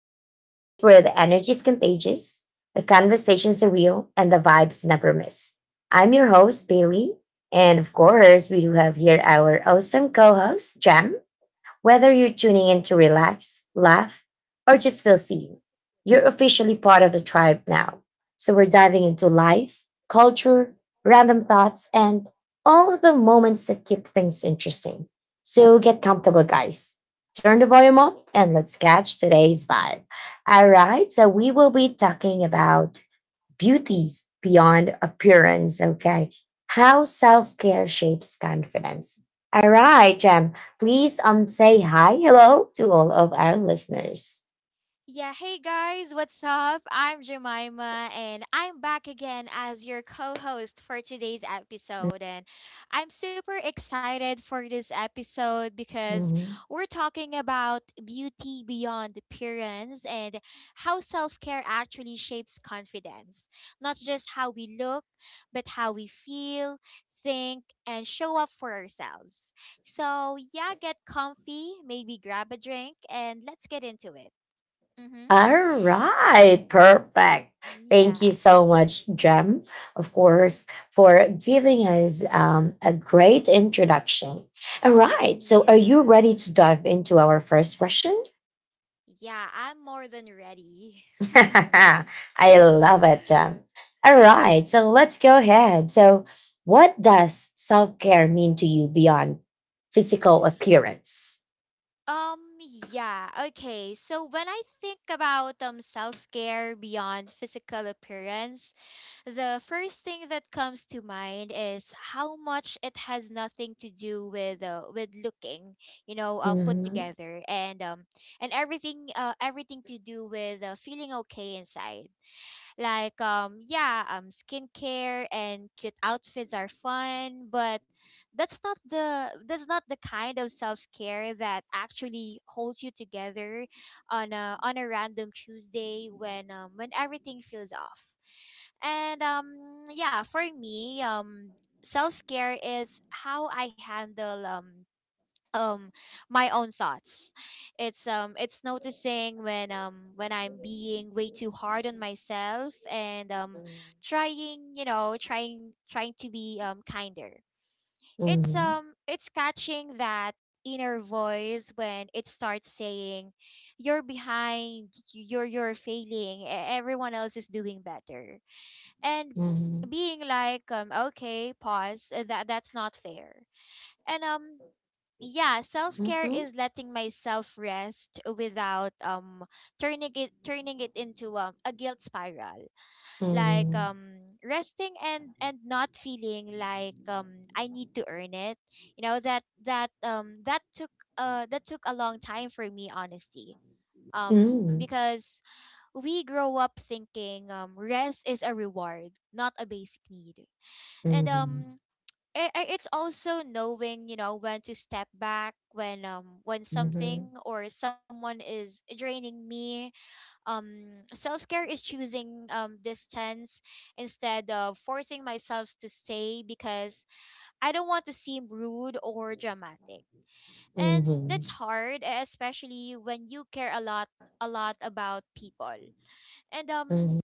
the podcast where the energy is contagious, the conversations are real, and the vibes never miss. I'm your host, Bailey. And of course, we do have here our awesome co host, Jem. Whether you're tuning in to relax, laugh, or just feel seen, you're officially part of the tribe now. So we're diving into life, culture, random thoughts, and all the moments that keep things interesting. So get comfortable, guys. Turn the volume up and let's catch today's vibe. All right, so we will be talking about beauty beyond appearance. Okay. How self care shapes confidence. All right, Jem, please say hi, hello to all of our listeners. Yeah, hey guys, what's up? I'm Jemima and I'm back again as your co host for today's episode. And I'm super excited for this episode because Mhm. we're talking about beauty beyond appearance and how self care actually shapes confidence. Not just how we look, but how we feel, think, and show up for ourselves. So, yeah, get comfy, maybe grab a drink, and let's get into it. Mm-hmm. All right, perfect. Thank you Yeah. so much, Jem, of course, for giving us a great introduction. All right, so are you Yeah. ready to dive into our first question? Yeah, I'm more than ready. I love it, Jem. All right, so hmm let's go ahead. So, what does self care mean to you beyond physical appearance? Yeah, okay. So when I think about self-care beyond physical appearance, the first thing that comes to mind is how much it has nothing to do with with looking, you know, put Mhm, together and everything everything to do with feeling okay inside. Like yeah, skincare and cute outfits are fun, but that's not the kind of self-care that actually holds you together on a random Tuesday when when everything feels off. And yeah, for me, self-care is how I handle um my own thoughts. It's it's noticing when when I'm being way too hard on myself, and trying you know trying trying to be kinder. It's mhm, it's catching that inner voice when it starts saying you're behind, you're failing, everyone else is doing better, and mhm, mhm, being like, okay, pause, that's not fair. And yeah, self-care is letting myself rest without turning it into, a guilt spiral. Like mhm, resting and not feeling like I need to earn it. You know, that took that took a long time for me honestly, because we grow up thinking rest is a reward, not a basic need. mhm, and mhm, um it's also knowing, you know, when to step back when when something or someone is draining me. Self-care is choosing distance instead of forcing myself to stay because I don't want to seem rude or dramatic. mhm, And mhm, that's hard, especially when you care a lot about people. and mhm, um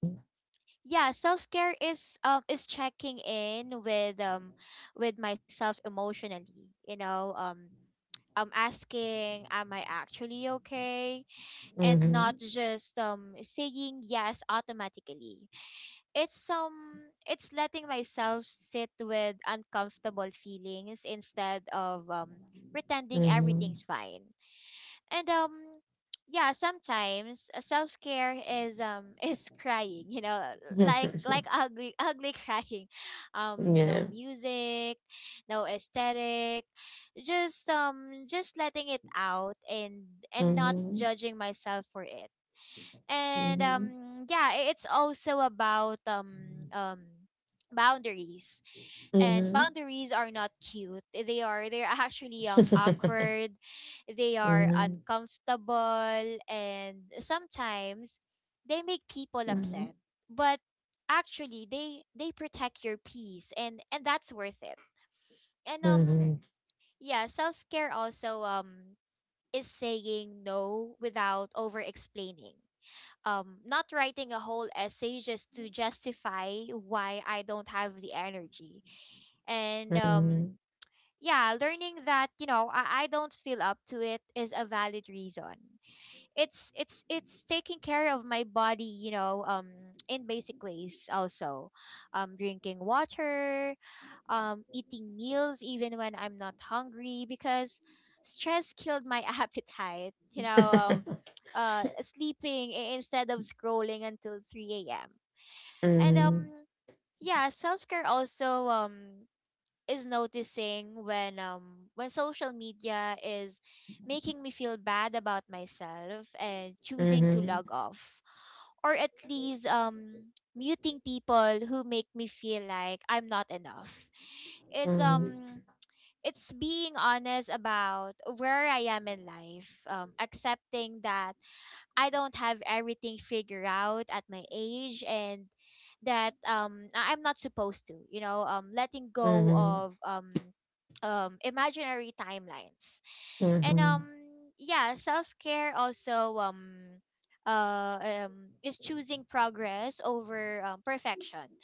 yeah, self-care is checking in with myself emotionally, you know. I'm asking, am I actually okay, and not just saying yes automatically. It's it's letting myself sit with uncomfortable feelings instead of mhm, pretending mhm. everything's fine. And yeah, sometimes self-care is is crying, you know, like like ugly ugly crying. No Yeah. music, no aesthetic, just letting it out and not Mhm, judging myself for it. Mhm, It's also about boundaries. And mhm, boundaries are not cute. They're actually awkward, they are mhm, uncomfortable, and sometimes they make people upset. But actually, they protect your peace, and that's worth it. And mhm, yeah, self-care also is saying no without over explaining. Not writing a whole essay just to justify why I don't have the energy. And mhm. Yeah, learning that, you know, I don't feel up to it is a valid reason. It's taking care of my body, you know, in basic ways also. Drinking water, eating meals even when I'm not hungry because stress killed my appetite, you know. Mhm, Sleeping, instead of scrolling until 3 a.m., and yeah, self-care also is noticing when when social media is making me feel bad about myself and choosing to mhm, log off, or at least muting people who make me feel like I'm not enough. It's mhm, um it's being honest about where I am in life, accepting that I don't have everything figured out at my age, and that I'm not supposed to, you know, letting go mhm, of imaginary timelines. mhm, And mhm, yeah, self-care also is choosing progress over, perfection.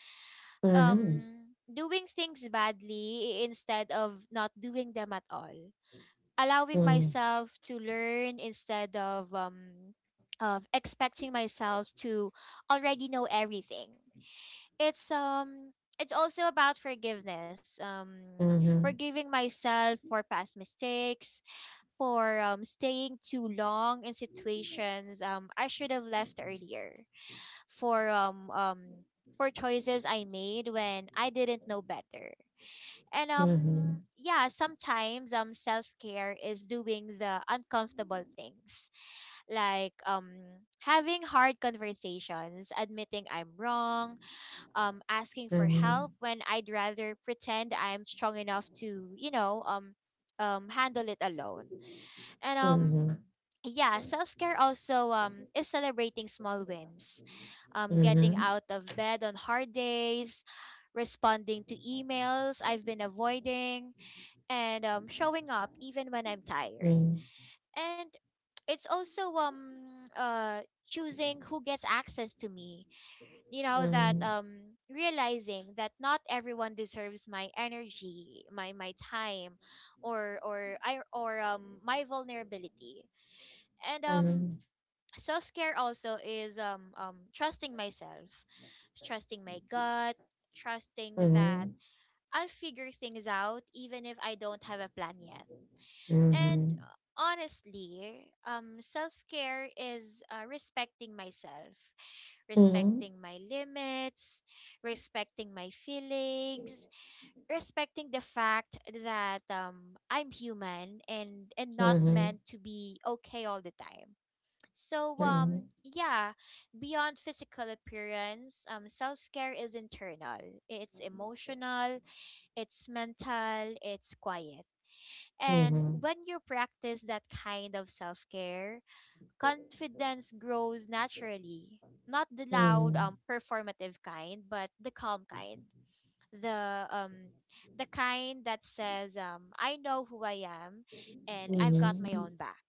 mhm, Doing things badly, instead of not doing them at all, allowing myself to learn instead of expecting myself to already know everything. It's um it's also about forgiveness. Mhm, mhm, Forgiving myself for past mistakes, for staying too long in situations I should have left earlier. For um um for choices I made when I didn't know better. And mhm, yeah, sometimes self-care is doing the uncomfortable things. Like having hard conversations, admitting I'm wrong, asking for help mhm, when I'd rather pretend I'm strong enough to, you know, handle it alone. And mhm, yeah, self-care also is celebrating small wins. Mhm, mhm, mhm, Getting mhm, out of bed on hard days, responding to emails I've been avoiding, and showing up even when I'm tired. And it's also choosing who gets access to me. You know that realizing that not everyone deserves my energy, my time, or my vulnerability. And self care also is trusting myself, trusting my gut, mhm, trusting mhm, mhm, mhm, that mhm, I'll figure things out even if I don't have a plan yet. And honestly, self care is respecting myself, mhm, respecting my limits, respecting my feelings, respecting the fact that, I'm human and not meant to be okay all the time. So yeah, beyond physical appearance, self care is internal. It's emotional, it's mental, it's quiet, and when you practice that kind of self care, confidence grows naturally. Not the loud, performative kind, but the calm kind. The um, the kind that says, I know who I am, and I've got my mhm, own back.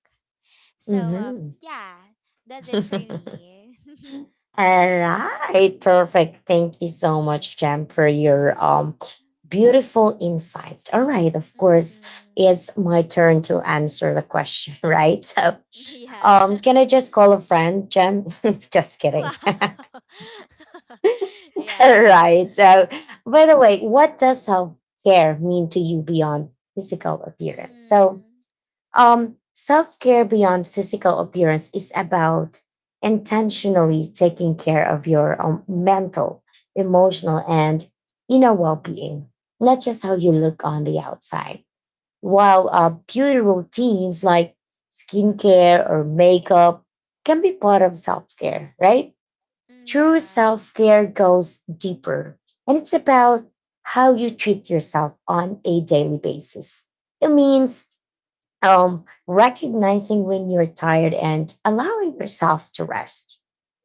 So yeah, that's it for mhm. me. All right, perfect. Thank you so much, Jem, for your beautiful insight. All right, of course, Mm, it's my turn to answer the question, right? So, yeah. Can I just call a friend, Jem? Just Wow. kidding. All Yeah. right. So, by the way, what does self care mean to you beyond physical appearance? So, Mm-hmm. Self care beyond physical appearance is about intentionally taking care of your mental, emotional, and inner well being, not just how you look on the outside. While beauty routines like skincare or makeup can be part of self care, right? Mm, True yeah. self care goes deeper, and it's about how you treat yourself on a daily basis. It means recognizing when you're tired and allowing yourself to rest.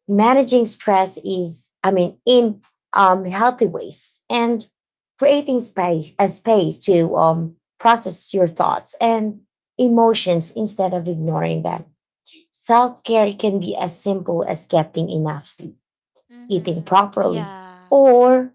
Managing stress is, I mean, in healthy ways and creating space a space to process your thoughts and emotions instead of ignoring them. Self care can be as simple as getting enough sleep, eating Mhm. properly, Yeah. or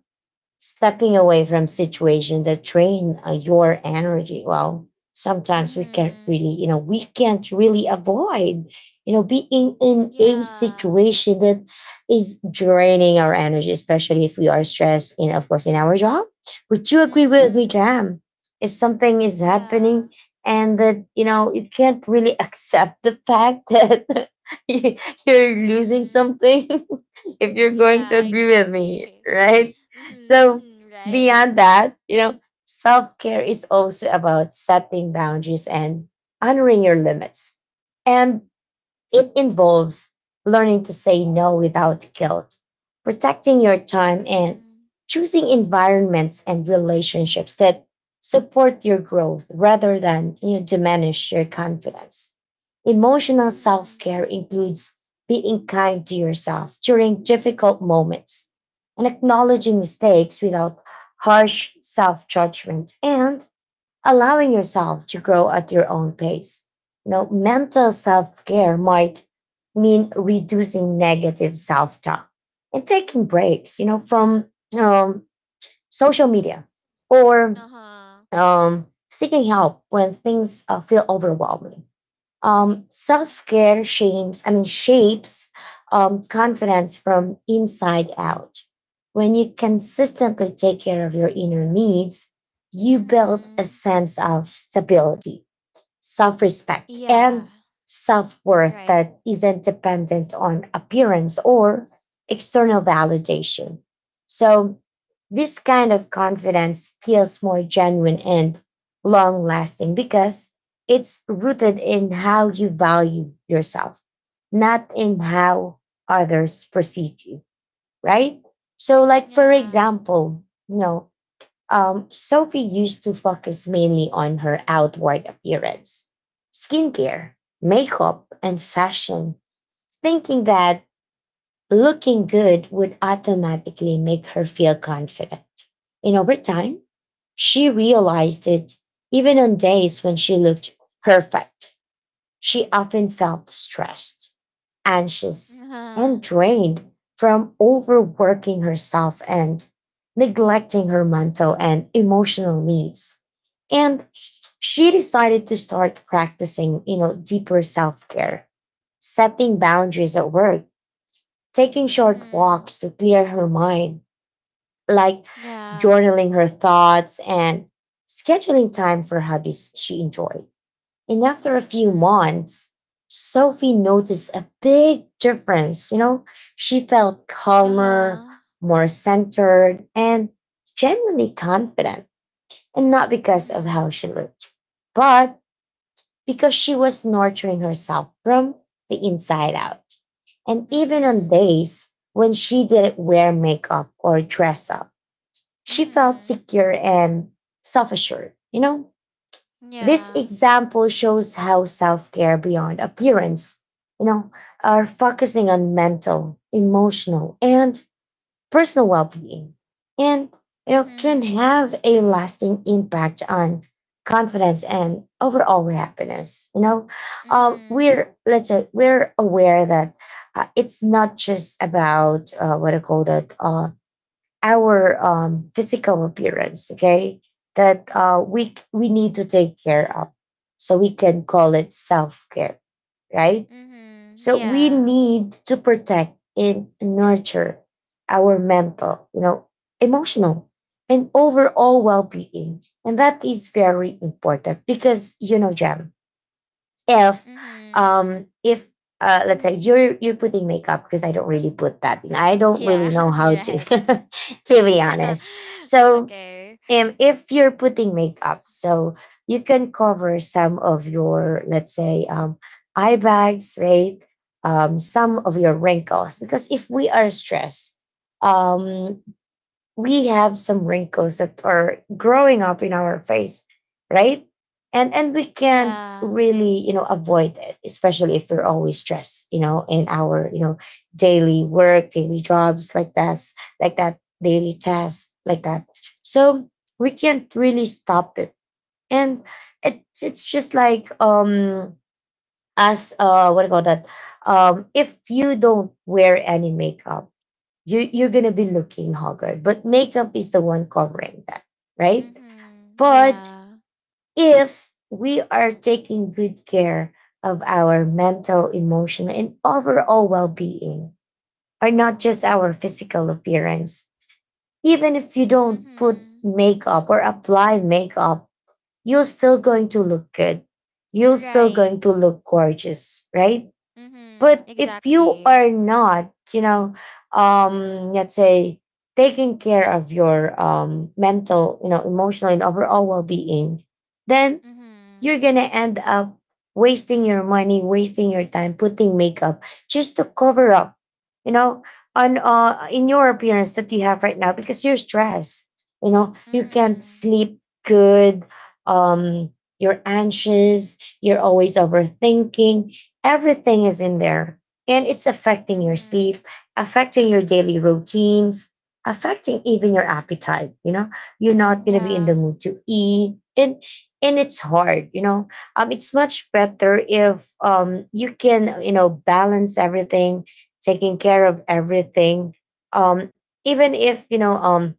stepping away from situations that drain your energy. Well, sometimes we can't really Mhm. you know we can't really avoid, you know, being in a Yeah. situation that is draining our energy, especially if we are stressed in, of course, in our job. Would you agree with me, Mhm. Jam, if something is happening Yeah. and that, you know, you can't really accept the fact that you- you're losing Mhm. something? If you're going to Yeah, agree with exactly. me, right? So, Mhm. Right. beyond that, you know, self care is also about setting boundaries and honoring your limits. And it involves learning to say no without guilt, protecting your time, and Mhm. choosing environments and relationships that support your growth rather than, you know, diminish your confidence. Emotional self Mhm. care includes being kind to yourself during difficult moments and acknowledging mistakes without harsh self judgment and allowing yourself to grow at your own pace. You know, mental self care might mean reducing negative self talk and taking breaks, you know, from um, social media or Uh-huh. Seeking help when things feel overwhelming. Self care shapes confidence from inside out. When you consistently take care of your inner needs, you build a Mhm. sense of stability, self Yeah. respect, and Mm, right. self worth that isn't dependent on appearance or external validation. So, this kind of confidence feels more genuine and long lasting because it's rooted in how you value yourself, not in how others perceive you, right? So, like, for Yeah. example, you know, Sophie used to focus mainly on her outward appearance, skincare, makeup, and fashion, thinking that looking good would automatically make her feel confident. And over time, she realized it, even on days when she looked perfect, she often felt stressed, anxious, Uh-huh. and drained from overworking herself and neglecting her mental and emotional needs. And she decided to start practicing, you know, deeper self care, setting boundaries at work, taking short Mhm. walks to clear her mind, like Yeah. journaling her thoughts and scheduling time for hobbies she enjoyed. And after a few Mm. months, Sophie noticed a big difference. You know, she felt calmer, Uh-huh. more centered, and genuinely confident. And not because of how Mhm. she looked, but because she was nurturing herself from the inside out. And even on Mhm. days when she didn't wear makeup or dress up, she felt Mhm. secure and self assured. You know, this Yeah. example shows how self care beyond appearance, you know, are focusing on mental, emotional, and personal well-being and, you know, can Mhm. have a lasting impact on confidence and overall happiness. You know, Mhm. we're, let's say we're aware that it's not just about what I call that our physical appearance. Okay, that we need to take care of, so we can call it self-care, right? Mhm. So we Yeah. need to protect and nurture our mental, you know, emotional and overall well-being. And that is very important because, you know, Jam, if Mhm. um if let's say you're putting makeup, because I don't really put that in. I don't really Yeah. know how You're to, right. to be honest. So Okay. If you're putting makeup, so you can cover some of your, let's say, eye bags, right? Some of your wrinkles, because if we are stressed, um, we have some wrinkles that are growing up in our face, right? And we can't Yeah. really, you know, avoid it, especially if we're always stressed, you know, in our, you know, daily work, daily jobs like that, daily tasks like that. So we can't really stop it. And it's just like, um, as what do you call that, um, if you don't wear any makeup, you're gonna be looking haggard, but makeup is the one covering that, right? Mhm. But Yeah. if we are taking good care of our mental, emotional, and overall well being, or not just our physical appearance, even if you don't put Mhm. makeup or apply makeup, you're still going to look good. You're still Right. going to look gorgeous, right? Mhm. But if you Exactly. are not, you know, let's say taking care of your mental, you know, emotional and overall well being, then Mhm. you're going to end up wasting your money, wasting your time, putting makeup just to cover up, you know, on in your appearance that you have right now because you're stressed. You know, you can't Mhm. sleep good. Um, you're anxious. You're always overthinking. Everything is in there, and it's affecting your Mhm. sleep, affecting your daily routines, affecting even your appetite. You know, you're not gonna be in Yeah. the mood to eat, and it's hard, you know. Um, it's much better if, um, you can, you know, balance everything, taking care of everything, um, even if, you know, um,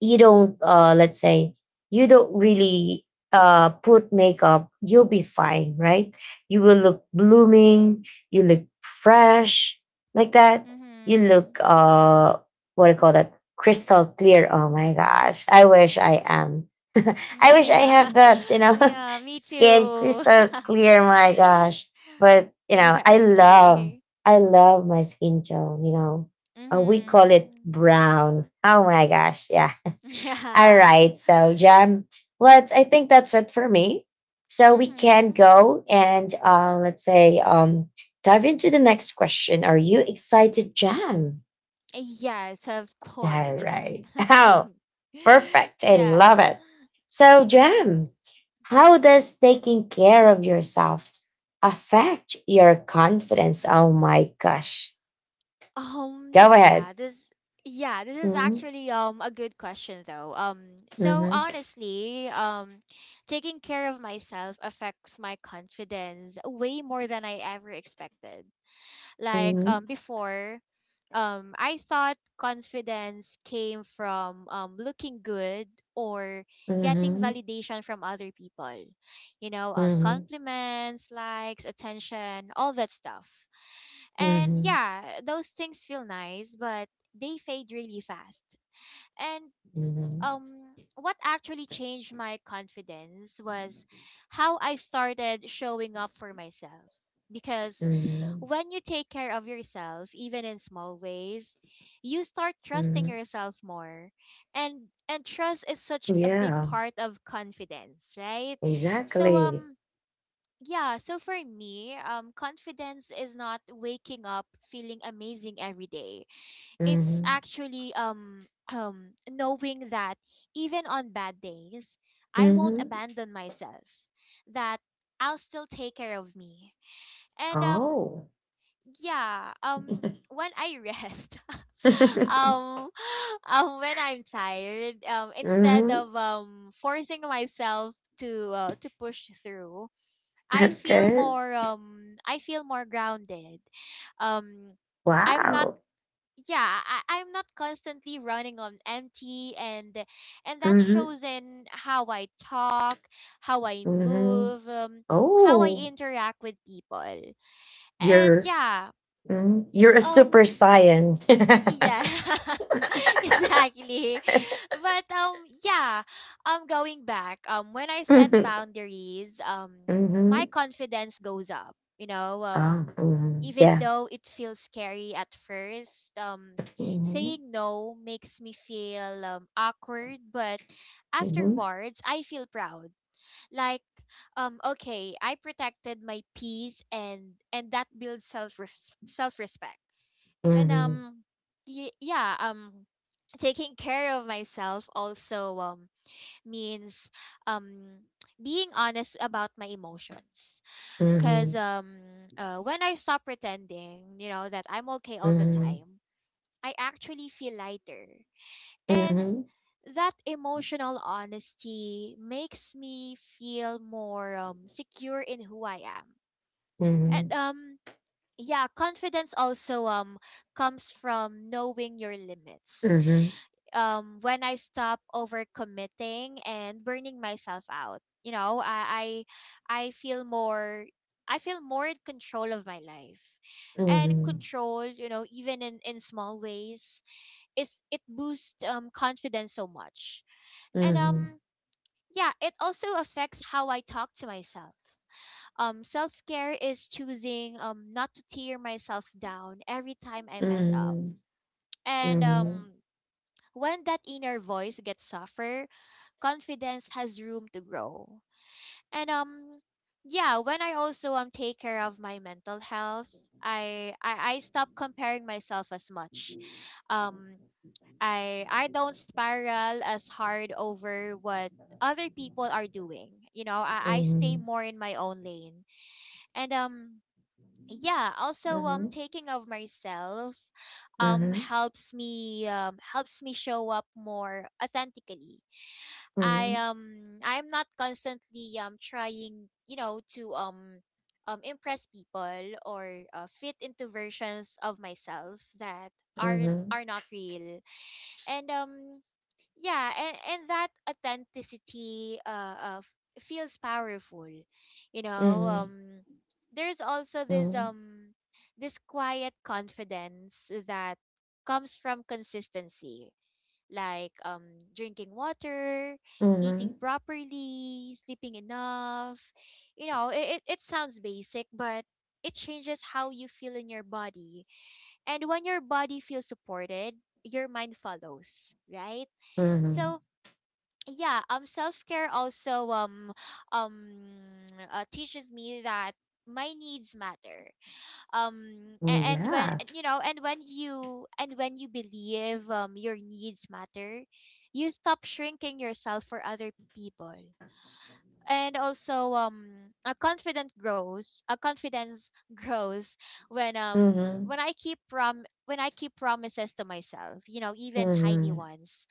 you don't let's say you don't really put makeup, you'll be fine, right? You will look blooming, you look fresh, like that. You Mhm. look what do you call that, crystal clear. Oh my gosh, I wish I am. I wish I Yeah. have that, you know. Yeah. Me Skin too. crystal clear, my gosh. But you know, I love, Exactly. I love my skin tone, you know. We call it Mhm. brown. Oh my gosh, yeah. All Yeah. right. So, Jam, let's, I think that's it for me. So, we can Mm-hmm. go and let's say, dive into the next question. Are you excited, Jam? Yes, of All course. right. Oh, perfect. I Yeah. love it. So, Mm-hmm. Jam, how does taking care of yourself affect your confidence? Oh my gosh. Um, Go ahead. yeah, this yeah, this is Mhm, actually a good question though. So mhm, honestly, taking care of myself affects my confidence way more than I ever expected. Like mhm, before, I thought confidence came from looking good or getting mhm, validation from other people. You know, mhm, compliments, likes, attention, all that stuff. And mhm, yeah, those things feel nice, but they fade really fast. And mhm, um what actually changed my confidence was how I started showing up for myself, because mhm, when you take care of yourself, even in small ways, you start trusting Mhm. yourself more. And trust is such a big Yeah, part of confidence, right? So exactly. Yeah, so for me, confidence is not waking up feeling amazing every day. It's Hmm. actually knowing that even on bad days I won't Hmm. abandon myself, that I'll still take care of me. And Oh. yeah, when I rest um when I'm tired, instead Hmm. of forcing myself to push through, I feel Okay. more I feel more grounded. um I'm not, Wow. yeah, I'm not constantly running on empty, and that Hmm. shows in how I talk, how I Hmm. move, how I Oh, interact with people. and you're yeah mhm. You're a super um saiyan. yeah. Exactly. But yeah, going back, when I set boundaries, my Hmm. confidence goes up, you know. Oh, hmm, Even yeah. though it feels scary at first, Hmm. saying no makes me feel awkward, but Hmm. afterwards I feel proud. Like okay, I protected my peace, and that builds self-respect. and Hmm. um yeah, taking care of myself also means um being honest about my emotions, because Hmm. When I stop pretending, you know, that I'm okay all the Hmm. time, I actually feel lighter. Hmm. And Hmm. that emotional honesty makes me feel more secure in who I am. Hmm. And yeah, confidence also comes from knowing your limits. When I stop overcommitting and burning myself out, you know, I feel more, I feel more in control of my life. And Hmm. control, you know, even in small ways, is it boosts confidence so much. And yeah, it also affects how I talk to myself. Self care is choosing not to tear myself down every time I mess up. Hmm. And Hmm. When that inner voice gets softer, confidence has room to grow. And Yeah, when I also take care of my mental health, I stop comparing myself as much. Um, I don't spiral as hard over what other people are doing. You know, I stay Mhm. more in my own lane. And yeah, also Mhm. taking of myself Mhm. helps me helps me show up more authentically. i Mhm. um i'm not constantly trying to impress people or fit into versions of myself that Mhm. are not real. And yeah, and that authenticity of feels powerful, Mhm. There's also this Mhm. This quiet confidence that comes from consistency, like, drinking water, eating Mhm. properly, sleeping enough. You know, it sounds basic, but it changes how you feel in your body, and when your body feels supported, your mind follows, right? Mhm. So yeah, self care also teaches me that my needs matter. A- Mm, and when yeah. and, you know, and when you believe your needs matter, you stop shrinking yourself for other people. And also, a confident grows a confidence grows when Mhm. I keep promises to myself, you know, even tiny Mhm. ones.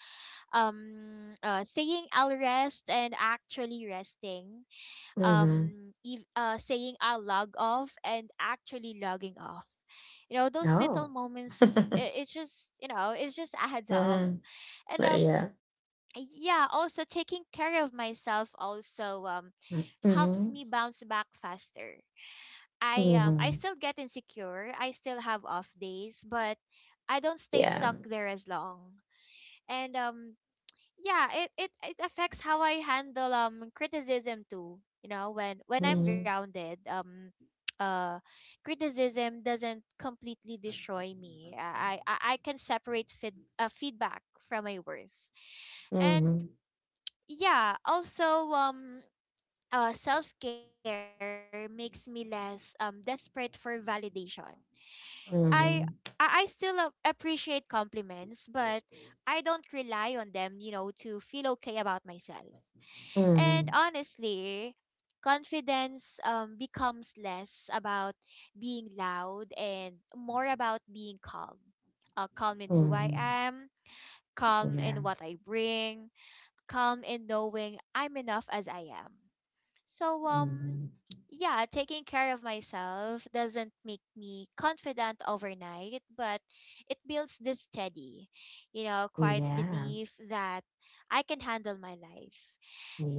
Saying I'll rest and actually resting, Mhm. Saying I'll log off and actually logging off, you know, those little Oh. moments, I- it's just you know it's just adds up. Mhm. and um yeah. yeah, also taking care of myself also Mm, helps mhm. me bounce back faster. I Mhm. still get insecure. I still have off days, but I don't stay Yeah. stuck there as long. And yeah, it affects how I handle criticism too. You know, when I'm Mhm. grounded, uh criticism doesn't completely destroy me. I can separate feedback from my worth. And Mhm. yeah, also self care makes me less desperate for validation. I I Mhm. still appreciate compliments, but I don't rely on them, you know, to feel okay about myself. And Mhm. honestly, confidence becomes less about being loud and more about being calm. Calm in who I Mhm. am, calm Yeah. in what I bring, calm in knowing I'm enough as I am. So Mhm. yeah, taking care of myself doesn't make me confident overnight, but it builds this steady, you know, quiet Yeah. belief that I can handle my life.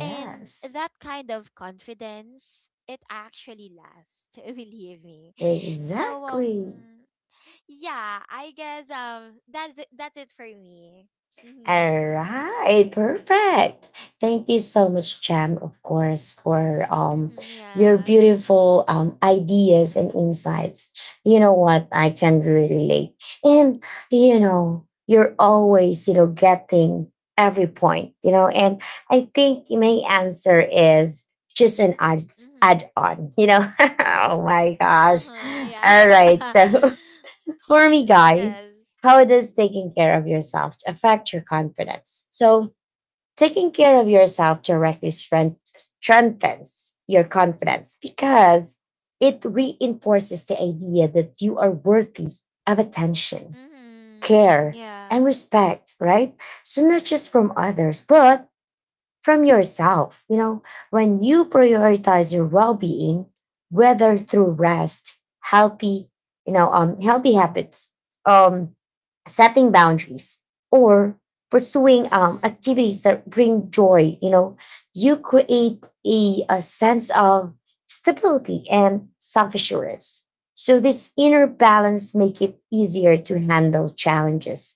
And that kind of confidence, it actually lasts, believe me. So Exactly. Yeah, I guess that's it for me. Mhm. All right, perfect. Thank you so much, Jam, of course, for Mhm, your yeah. beautiful ideas and insights. You know what? I can really relate. And you know, you're always, you know, getting every point, you know, and I think my answer is just an add Mhm. on, you know. Oh my gosh. Uh-huh, yeah. All right, so for me, Mm-hmm, guys, yes. how does taking care of yourself affect your confidence? So, taking care of yourself directly strengthens your confidence because it reinforces the idea that you are worthy of attention, Mm-hmm. care, and Yeah. respect, right? So, not just from others, but from yourself. You know, when you prioritize your well-being, whether through rest, healthy, healthy habits, um, setting boundaries, or pursuing Mm-hmm. activities that bring joy, you know, you create a sense of stability and self-assurance. So this inner balance make it easier to handle challenges,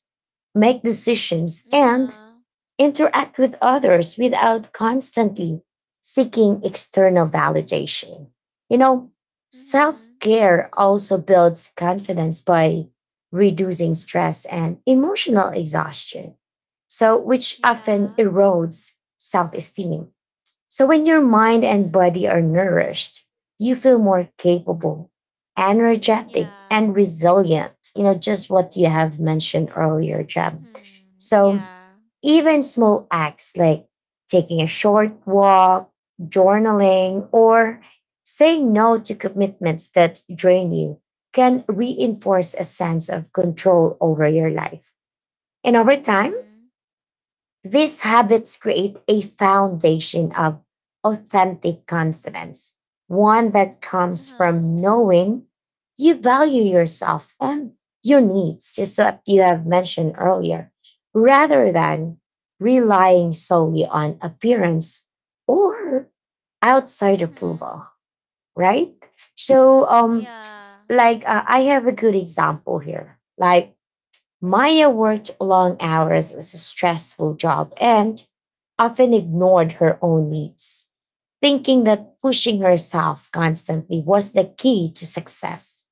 make decisions, and Uh-huh. interact with others without constantly seeking external validation. You know, self Mm-hmm. care also builds confidence by reducing stress and emotional exhaustion, so which Yeah. often erodes self esteem. So when your mind and Mm-hmm. body are nourished, you feel more capable, energetic, Yeah. and resilient. You know, just what you have mentioned earlier, Jam. Mm-hmm. So Yeah. even small acts like taking a short walk, journaling, or saying no to commitments that drain you can reinforce a sense of control over your life. And over time, Mm-hmm. these habits create a foundation of authentic confidence, one that comes Uh-huh. from knowing you value yourself and your needs, just so that you have mentioned earlier, rather than relying solely on appearance or outside Mm-hmm. approval, right? So, Yeah. like I have a good example here. Like Maya worked long hours as a stressful job and often ignored her own needs, thinking that pushing herself constantly was the key to success.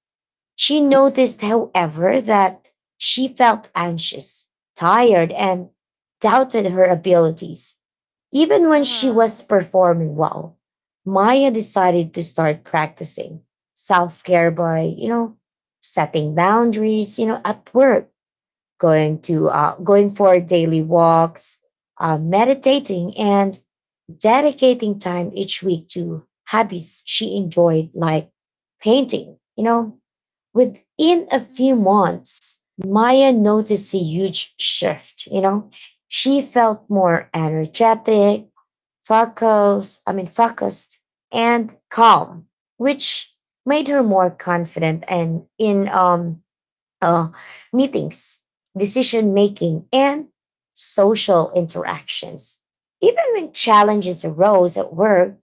She noticed, Mm-hmm. however, that she felt anxious, tired, and doubted her abilities, even when she was Uh-huh. performing well. Maya decided to start practicing self care by, you know, setting boundaries, you know, at work, going for daily walks, meditating, and dedicating time each week to hobbies she enjoyed, like painting. You know, within a few Mm-hmm. months, Maya noticed a huge shift. You know, she felt more energetic, focused and calm, which made her more Uh-huh. confident and in uh, meetings, decision making, and social interactions. Even when challenges Mm-hmm. arose at work,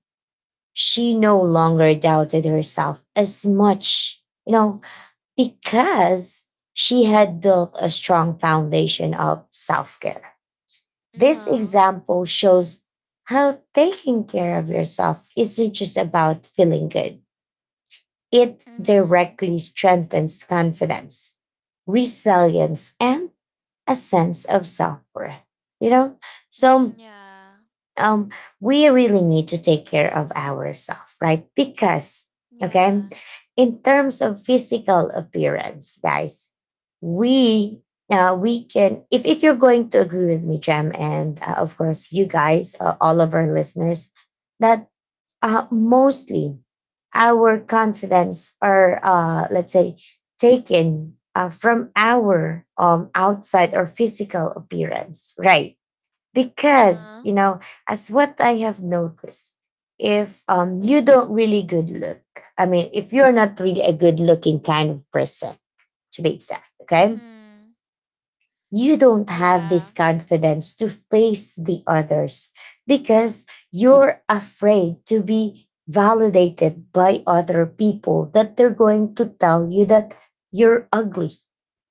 she no longer doubted herself as much, you know, because she had built a strong foundation of self care. This Uh-huh. example shows how taking care of yourself isn't just about feeling good, it Mm-hmm. directly strengthens confidence, resilience, and a sense of self worth, you know? So Mm-hmm. Yeah. um, we really need to take care of ourselves, right? Because, okay, Yeah. in terms of physical appearance, guys, we we can if you're going to agree with me Jam, and of course you guys, all of our listeners, that mostly our confidence are let's say taken from our outside or physical appearance, right? Because, you Uh-huh. know, as what I have noticed, if you don't really good look, I mean, if you're not really a good looking kind of person, to be exact, okay, Mm-hmm. you don't have this Yeah. confidence to face the others, because you're afraid to be validated by other people that they're going to tell you that you're ugly,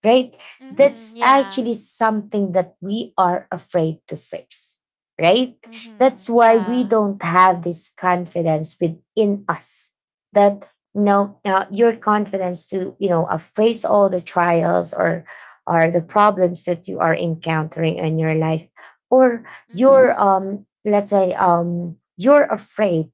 right? That's Mm-hmm. actually Yeah. something that we are afraid to fix, right? That's Mm-hmm. why we Yeah. don't have this confidence within us, that, you know, your confidence to, you know, face all the trials or the problems that you are encountering in your life, or your Mm-hmm. let's say you're afraid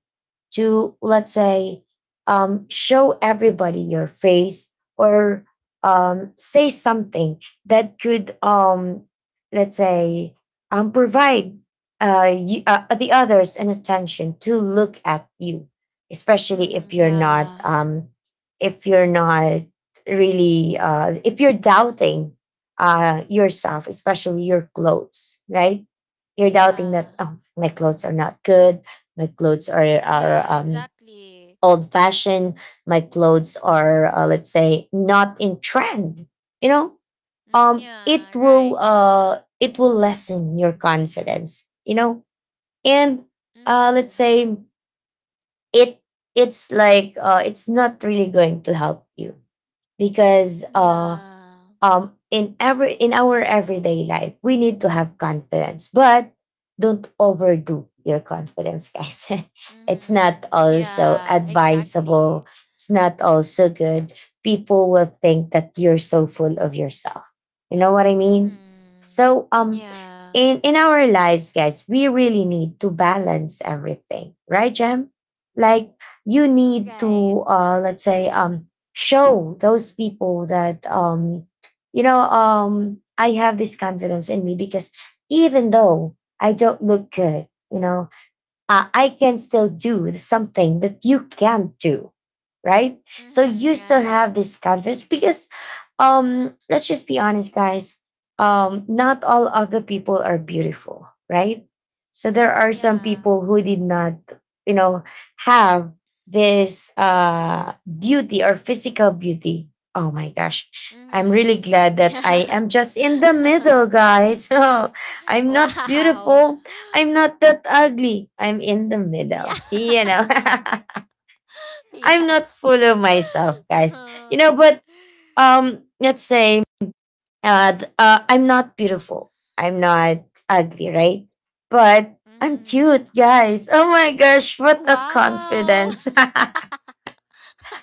to let's say show everybody your face, or say something that could let's say provide the others an attention to look at you, especially Mm-hmm. Yeah. If you're not really if you're doubting yourself, especially your clothes, right? You're doubting that, Yeah. oh, my clothes are not good, my clothes are are Yeah, um exactly. old fashioned, my clothes are let's say not in trend, you know, Mm-hmm. Yeah, right. It will lessen your confidence, you know, and let's Mm-hmm. say it it's like it's not really going to help you, because Yeah. In every in our everyday life we need to have confidence, but don't overdo your confidence, guys. It's not Mm-hmm. also Yeah, advisable, exactly. it's not also good. People will think that you're so full of yourself, you know what I mean? So Mm-hmm. Yeah. in our lives, guys, we really need to balance everything, right, Jem? Like, you need Right. to let's say show those people that you know, I have this confidence in me because, even though I don't look good, you know, I can still do something that you can't do, right? So Mm-hmm. you still Right. have this confidence because, let's just be honest, guys. Not all of the people are beautiful, right? So there Mm-hmm. are some Yeah. people who did not, you know, have this beauty or physical beauty. Oh my gosh. I'm really glad Mm-hmm. that I Yeah. am just in the middle, guys. I'm not Wow. beautiful, I'm not that ugly. I'm in the Yeah. middle. You know, I'm not Yes. full of myself, guys. You Uh-huh. know, but let's say I'm not beautiful, I'm not ugly, right? But I'm Mhm. cute, guys. Oh my gosh, what a Wow. confidence!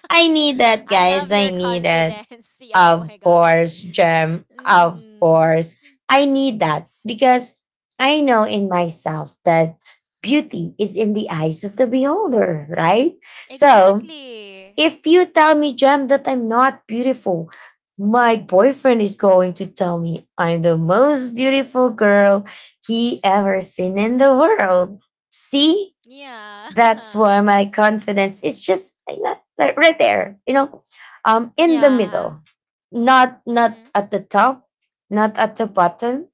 I need that, I guys. love I your need that. confidence. Yeah, oh Of my gosh. course, Gem. Of Mhm. course. I need that because I know in myself that beauty is in the eyes of the beholder, right? So Exactly. if you tell me, Gem, that I'm not beautiful, my boyfriend is going to tell me I'm the most beautiful girl he ever seen in the world. See, Yeah. that's why my confidence is just like, like right there, you know, in the middle, yeah. not not Mhm. at the top, not at the bottom,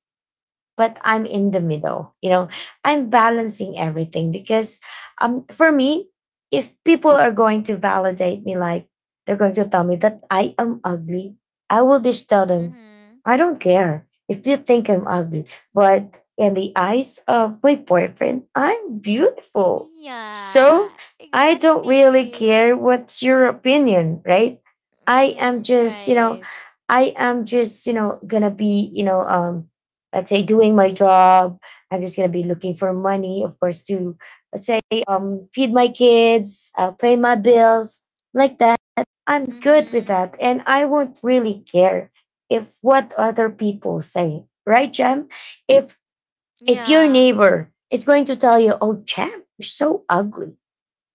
but I'm in the middle. You know, I'm balancing everything because for me, if people are going to validate me, like they're going to tell me that I am ugly, I will just tell them, Mhm. I don't care if you think I'm ugly, but in the eyes of my boyfriend, I'm beautiful. Yeah. So I don't really Exactly. care what's your opinion, right? I am Mhm. just, you know, Right. I am just, you know, gonna be, you know, let's say doing my job. I'm just going to be looking for money, of course, to let's say feed my kids, pay my bills, like that. I'm good with Mhm. that, and I won't really care if what other people say, right, Jam? if if your Yeah. neighbor is going to tell you, oh, Jam, you're so ugly,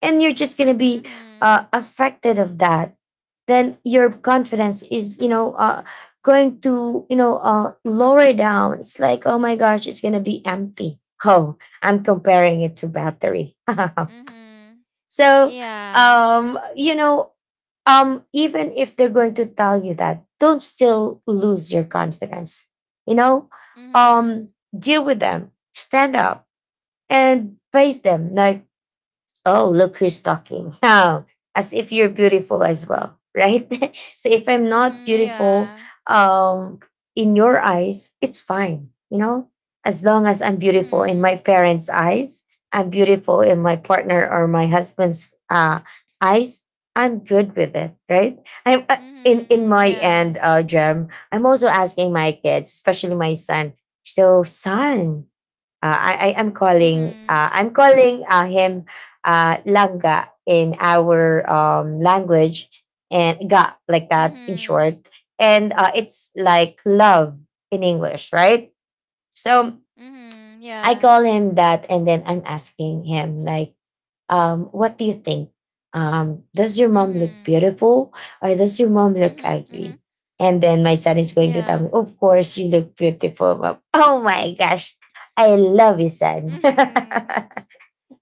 and you're just going to be Mhm. Affected of that, then your confidence is, you know, going to, you know, lower down. It's like, oh my gosh, it's going to be empty. Oh, I'm comparing it to battery. Mhm. So Yeah. You know, even if they're going to tell you that, don't still lose your confidence, you know, Mhm. um deal with them, stand up, and face them like, oh, look who's talking. How? As if you're beautiful as well, right? So if I'm not Mhm. beautiful Yeah. um, in your eyes, it's fine, you know? As long as I'm beautiful in my Mhm. parents' eyes, I'm beautiful in my partner or my husband's eyes, I'm good with it, right? I'm In Mhm. my Yeah. end, Germ. I'm also asking my kids, especially my son. So, son, I am calling. Mhm. I'm calling him Langa in our language, and ga like that Mhm. in short. And it's like love in English, right? So Mhm. Yeah. I call him that, and then I'm asking him, like, what do you think? Does your mom Mhm. look beautiful or does your mom Mhm. look Mhm. ugly? And then my son is going Yeah. to tell me, of course you look beautiful, mom. Oh my gosh. I love you, son. Mhm.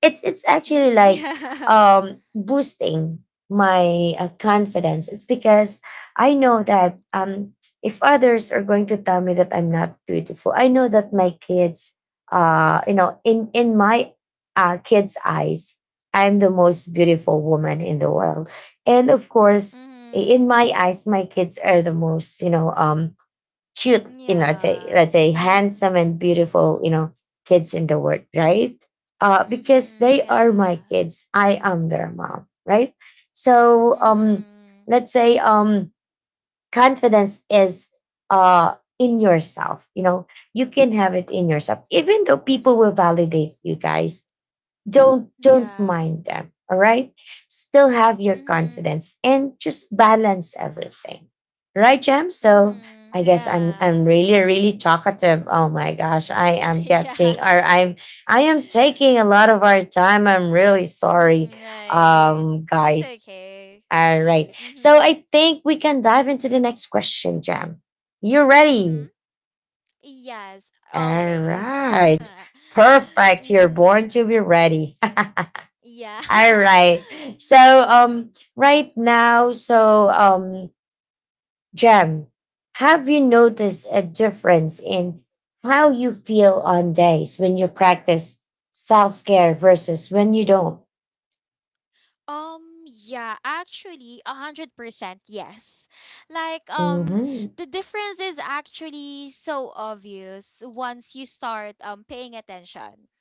It's Mhm. actually like Yeah. Boosting my confidence. It's because I know that if others are going to tell me that I'm not beautiful, I know that my kids, you know, in my kids eyes, I'm the most beautiful woman in the world. And of course Mhm. in my eyes, my kids are the most, you know, cute, you know, Yeah. let's say handsome Mhm. and beautiful, you know, kids in the world, right? Because Mhm. they are Yeah. my kids. I am their mom, right? So Mhm. let's say confidence is in yourself. You know, you can have it in yourself, even though people will validate you, guys, don't Yeah. mind them. All right, still have your Mhm. confidence and just balance everything, right, Jam? So Mhm. I guess I'm Yeah. Really really talkative. Oh my gosh, yeah. I'm I am taking a lot of our time. I'm really sorry, Mm, right. It's guys. okay. All right, so Mhm. I think we can dive into the next question, Jam. You Mhm. ready? Yes, All always. right, perfect, you're Mhm. born to be ready. Yeah. All right. So um right now, so Jem, have you noticed a difference in how you feel on days when you practice self-care versus when you don't? Yeah, actually, 100%, yes. Like, Mhm. the difference is actually so obvious once you start paying attention.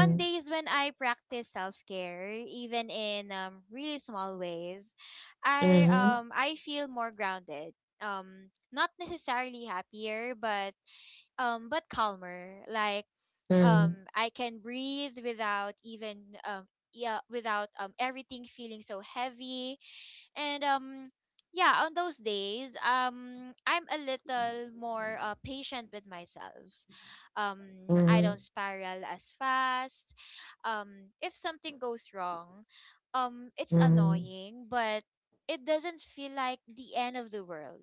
On days when I practice self-care, even in really small ways, I Mhm. um I feel more grounded. Not necessarily happier, but calmer. Like, I can breathe without even yeah, without everything feeling so heavy, and yeah, on those days, I'm a little more patient with myself. I don't Mhm. spiral as fast if something goes wrong. It's annoying, but it doesn't feel like the end of the world.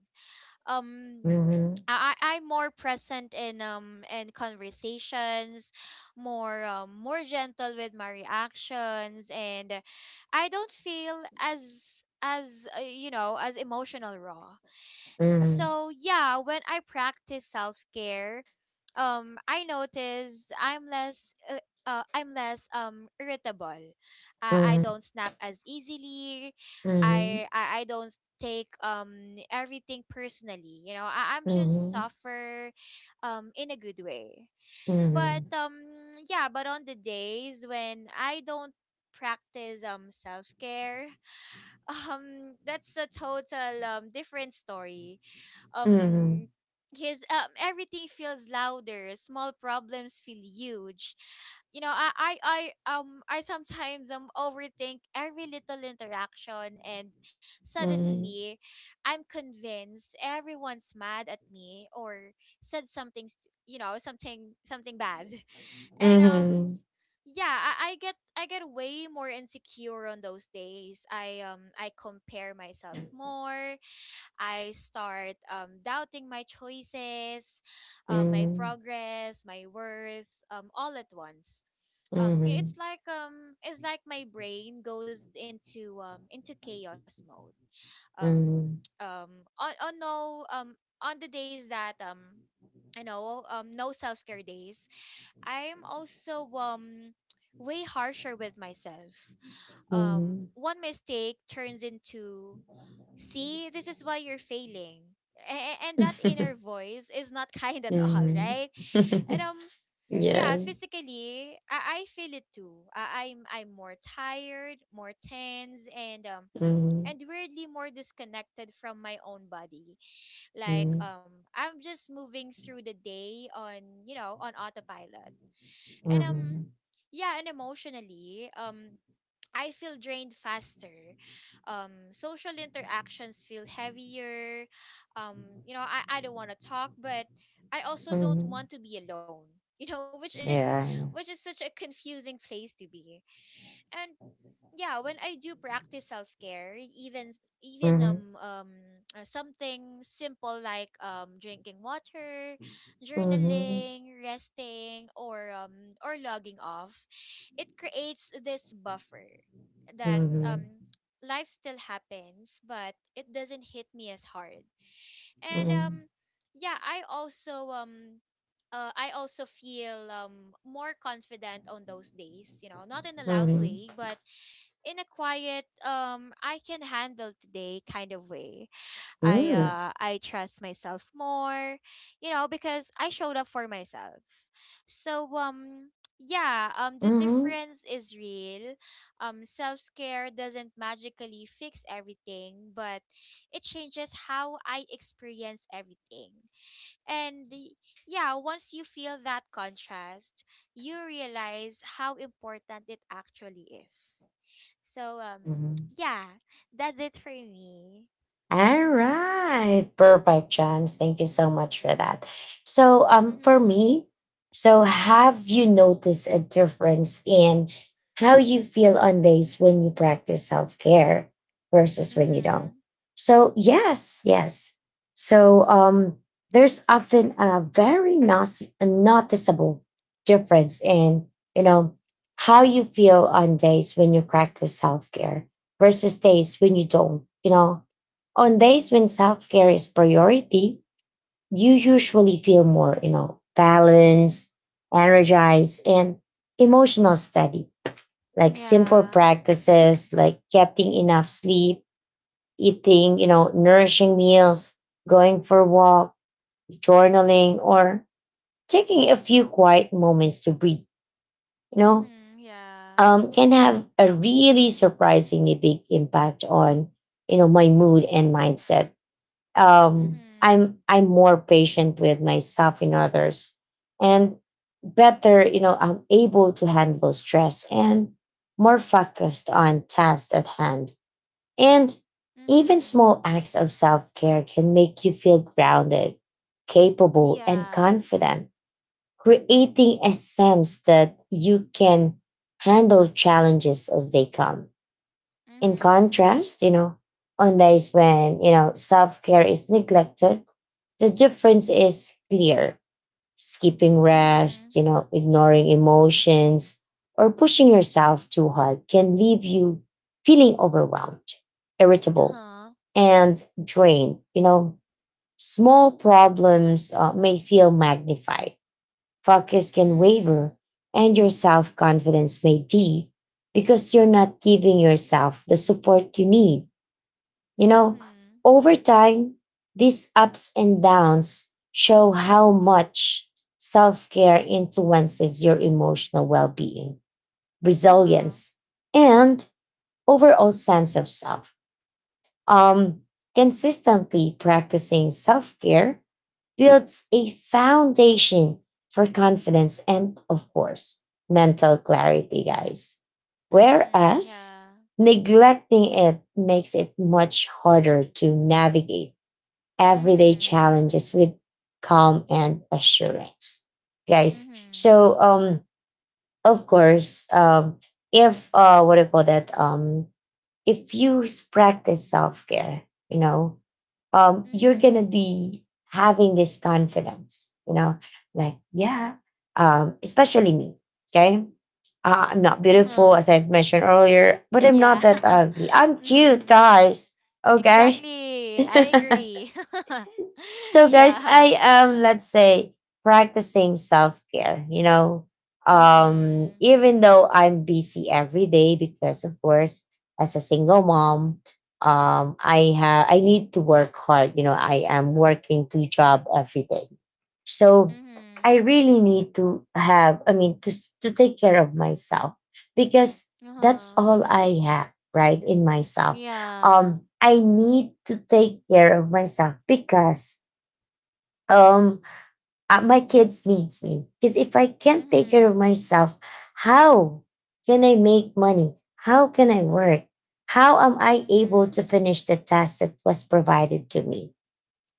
um Mhm. I'm more present in conversations, more more gentle with my reactions, and I don't feel as as as emotional raw. Mhm. So yeah, when I practice self care, I notice I'm less irritable. I Mhm. don't snap as easily. Mhm. I don't take everything personally. You know, I'm just Mhm. suffer in a good way. But Mhm. Yeah, but on the days when I don't practice self-care that's a total different story. Mhm. Um his Everything feels louder, small problems feel huge. You know, I sometimes overthink every little interaction, and Mhm. suddenly I'm convinced everyone's mad at me or said something st- you know something something bad. Mhm. And Mhm. yeah, I get way more insecure on those days. I compare myself more. I start, doubting my choices, my Mhm. progress, my worth, all at once. Mhm. It's Mhm. like, it's like my brain goes into, into chaos mode. Um, Mhm. um, on no on the days that, no self care days, I'm also, way harsher with myself. Mhm. One mistake turns into: see, this is why you're failing. A- and that inner voice is not kind at all, Mhm. right? And Yeah, Yeah. physically, I feel it too. I'm I'm more tired, more tense, and Mhm. and weirdly more disconnected from my own body. Like, Mhm. I'm just moving through the day on, on autopilot, and. Mhm. Yeah, and emotionally, I feel drained faster. Social interactions feel heavier. I don't want to talk, but I also don't Mhm. want to be alone. You know, which is Yeah. Such a confusing place to be. And yeah, when I do practice self-care, even s- even Mhm. Something simple like drinking water, Mhm. journaling, resting, or logging off, it creates this buffer that Mhm. Life still happens, but it doesn't hit me as hard. And Mhm. yeah, I also I also feel more confident on those days, you know, not in a loud Mhm. way, but in a quiet I can handle today kind of way. I Mhm. uh I trust myself more, you know, because I showed up for myself. So yeah, the Mhm. difference is real. Self-care doesn't magically fix everything, but it changes how I experience everything. And y- yeah, once you feel that contrast, you realize how important it actually is. So Mhm. yeah, that's it for me. All Mhm. right. Perfect, James. Thank you so much for that. So, for Mhm. me, so have you noticed a difference in how you feel on days when you practice self care versus when you don't? Mhm. So, yes, yes. So, there's often a noticeable difference in, you know, how you feel on days when you practice self care versus days when you don't, you know on days when self care is priority, you usually feel more, you know, balanced, energized, and emotional steady. Like simple Yeah. practices like getting enough sleep, eating, you know, nourishing meals, going for a walk, journaling, or taking a few quiet moments to breathe, you know, Mhm. Yeah. Can have a really surprisingly big impact on, you know, my mood and mindset. um, Mhm. I'm I'm more patient with myself and others, and better, you know, I'm able to handle stress and more focused on tasks at hand. And even Mhm. small acts of self care can make you feel grounded, capable, and Yeah. confident, creating a sense that you can handle challenges as they come. In Mhm. contrast, you know, on days when, you know, self care is neglected, the difference is clear. Skipping Mhm. rest, you know, ignoring emotions, or pushing yourself too hard can leave you feeling overwhelmed, irritable, Uh-huh. and drained. You know, small problems may feel magnified, focus can waver, Mhm. and your self confidence may deep because you're not giving yourself the support you need you know, Mhm. over time, these ups and downs show how much self care influences your emotional well being, Uh-huh. resilience, and overall sense of self. Um, Consistently practicing self care builds a foundation for confidence and, of course, mental clarity, guys. Mhm. Whereas Yeah. neglecting it makes it much harder to navigate everyday Mhm. challenges with calm and assurance, guys. Mhm. So, of course, if what do you call that? If you practice self care, you know, you're gonna Mhm. be having this confidence, you know, like yeah, especially me. Okay, I'm not Uh-huh. beautiful as I've mentioned earlier, but I'm Yeah. not that ugly. I'm cute, Mhm. guys. Okay. Exactly. I agree. So, guys, yeah. I am, let's say, practicing self care, you know, Mhm. even though I'm busy every day because, of course, as a single mom, I need to work hard. You know, I am working two job every day, so I Mhm. really need to have. I mean, to take care of myself because that's Uh-huh. all I have, right, in myself. Yeah. I need to take care of myself because um my kids needs me because if I can't take care of Mhm. myself, how can I make money? How can I work? How am I able to Mhm. finish the task that was provided to me,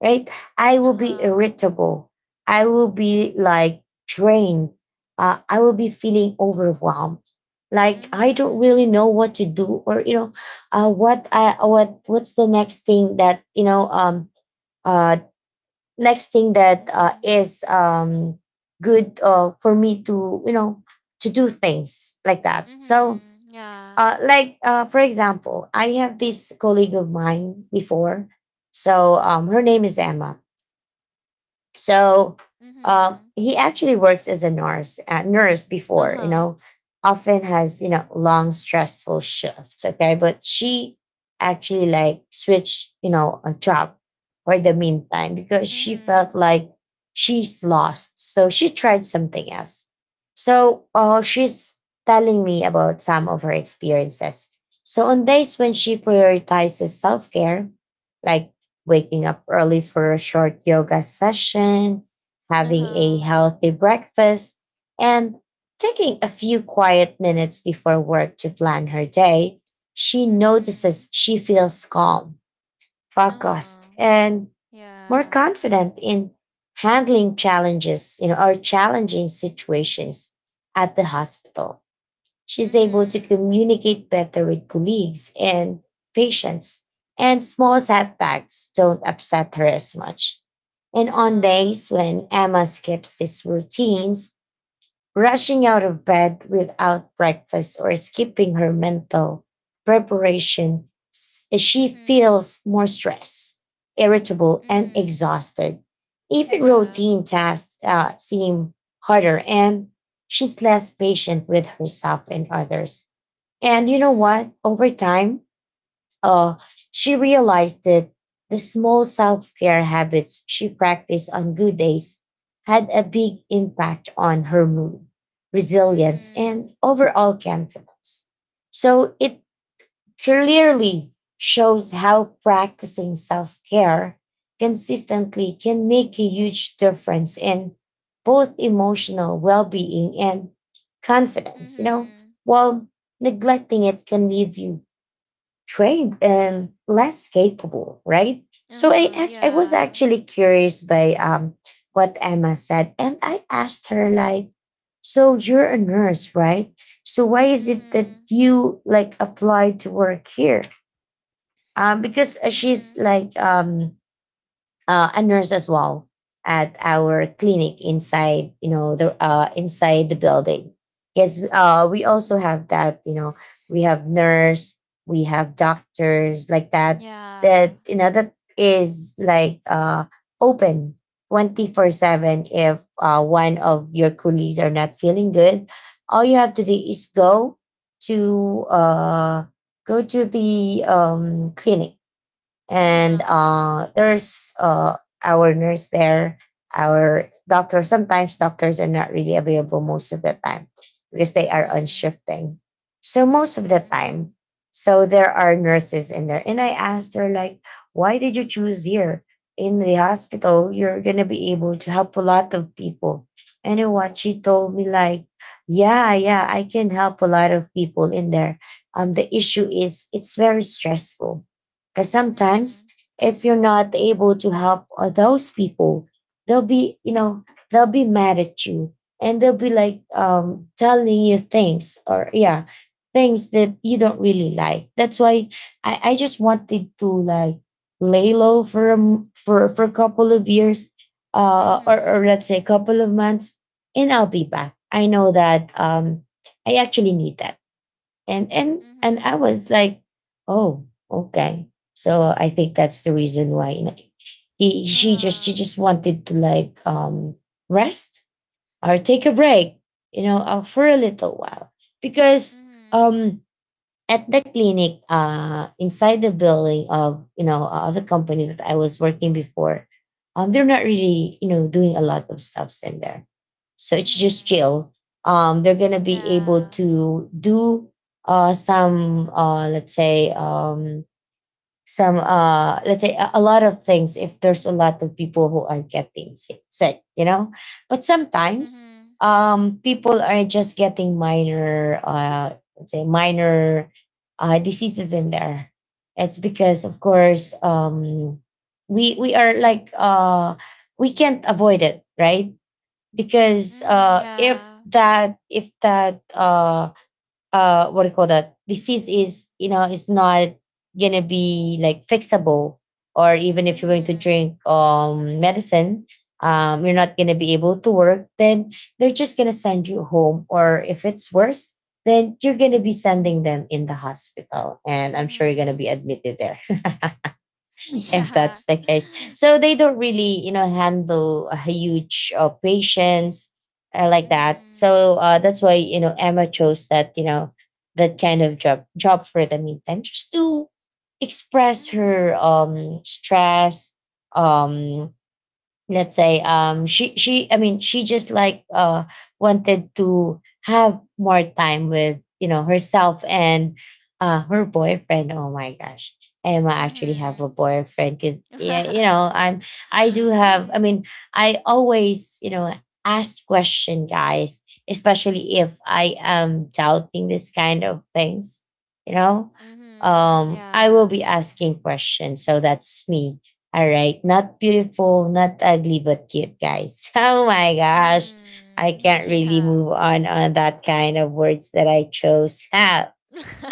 right? I will be Uh-huh. irritable, I will be like drained, I will be feeling overwhelmed. Like I don't Mhm. really know what to do or you know what I what what's the next thing that you know uh, next thing that uh, Mhm. is um, good for me to you know to do things like that. So Mhm. Yeah. For example, I have this colleague of mine before, so her name is Emma. So Mhm. he actually works as a nurse, nurse before, you Uh-huh. know, often has, you know, long, stressful shifts. Okay. But she actually like switched, you know, a job for the meantime because she Mhm. felt like she's lost. So she tried something else. So she's telling me about some of her experiences. So on days when she prioritizes self care, like waking up early for a short yoga session, having a Uh-huh. healthy breakfast, and taking a few quiet minutes before work to plan her day, she Mhm. notices she feels calm, Uh-huh. focused, and more Yeah. confident in handling challenges, you know, or challenging situations at the hospital. She's able to Mhm. communicate better with colleagues and patients, and small setbacks don't upset her as much. And on Uh-huh. days when Emma skips these routines, rushing out of bed without breakfast or skipping her mental preparation, she Mhm. feels more stressed, irritable, and Mhm. exhausted. Even Yeah. routine tasks seem harder, and she's less patient with herself and others. And you know Mhm. what? Over time, uh, she realized that the small self care habits she practiced on good days had a big impact on her mood, resilience, and Mhm. overall confidence. So it clearly shows how practicing self care consistently can make a huge difference in both emotional well being and confidence. You know, Mhm. while neglecting it can leave you trained and less capable, right? So I Uh-huh. act- I was Yeah. actually curious by what Emma said, and I asked her like, "So you're a nurse, right? So why is it that Mhm. you like applied to work here?" Because she's Mhm. like a nurse as well at our clinic inside you know the inside the building. Yes, we also have that you know, we have nurse, we have doctors like that, Yeah. that you know that is like open 24/7. If one of your colleagues are not feeling good, all you have to do is go to go to the clinic and Mhm. There's our nurse there, our doctor. Sometimes doctors are not really available most of the time because they are on Mhm. shifting. So most of the time, Mhm. so there are nurses in there, and I asked her like, "Why did you choose here in the hospital? You're gonna be able to help a lot of people." And you know what she told me like, "Yeah, yeah, I can help a lot of people in there. The issue is it's very stressful." Because sometimes, Mhm. if you're not able to help those people, they'll be, you know, they'll be mad at you and they'll be like telling you things or, yeah, things that you don't really like. That's why I just wanted to like lay low for for a couple of years or Mhm. let's say a couple of months and I'll be back. I know that I actually need that, and I Mhm. was like, oh, okay. So I think that's the reason why you know, he she just, she Uh-huh. just wanted to like rest or take a break, you know, for a little while because Mhm. um at the clinic inside the building of you know the company that I was working before. They're not really you know doing a lot of stuffs in there, so it's just Mhm. chill. They're gonna be able Yeah. to do some let's say some let's say a lot of things if there's a lot of people who are getting sick, sick you know. But sometimes Mhm. People are just getting minor let's say minor diseases in there. It's because of course we are like we can't avoid it right. Because Mhm. Yeah. If that what do you call that disease is, you know, it's not gonna be like fixable, or even if you're going to Mhm. drink medicine, you're not gonna be able to work. Then they're just gonna send you home, or if it's worse, then you're gonna be sending them in the hospital and I'm sure you're gonna be Mhm. admitted there if Yeah. that's the case. So they don't really, you know, handle a huge patients like that. Mhm. So that's why you know Emma chose that, you know, that kind of job for the meantime, just to express her Mhm. Stress. Um let's say She, I mean, she just like wanted to have more time with you know herself and her boyfriend. Oh my gosh, Emma actually have a Mhm. boyfriend because yeah you know I do have. I Mhm. mean, I always you know ask question guys, especially if I am doubting this kind of things, you know, Mhm. I will Yeah. be asking questions. So that's me, all right. Not beautiful, not ugly, but cute, guys. Oh my gosh. I Mhm. can't really Yeah. move on that kind of words that I chose. Ah,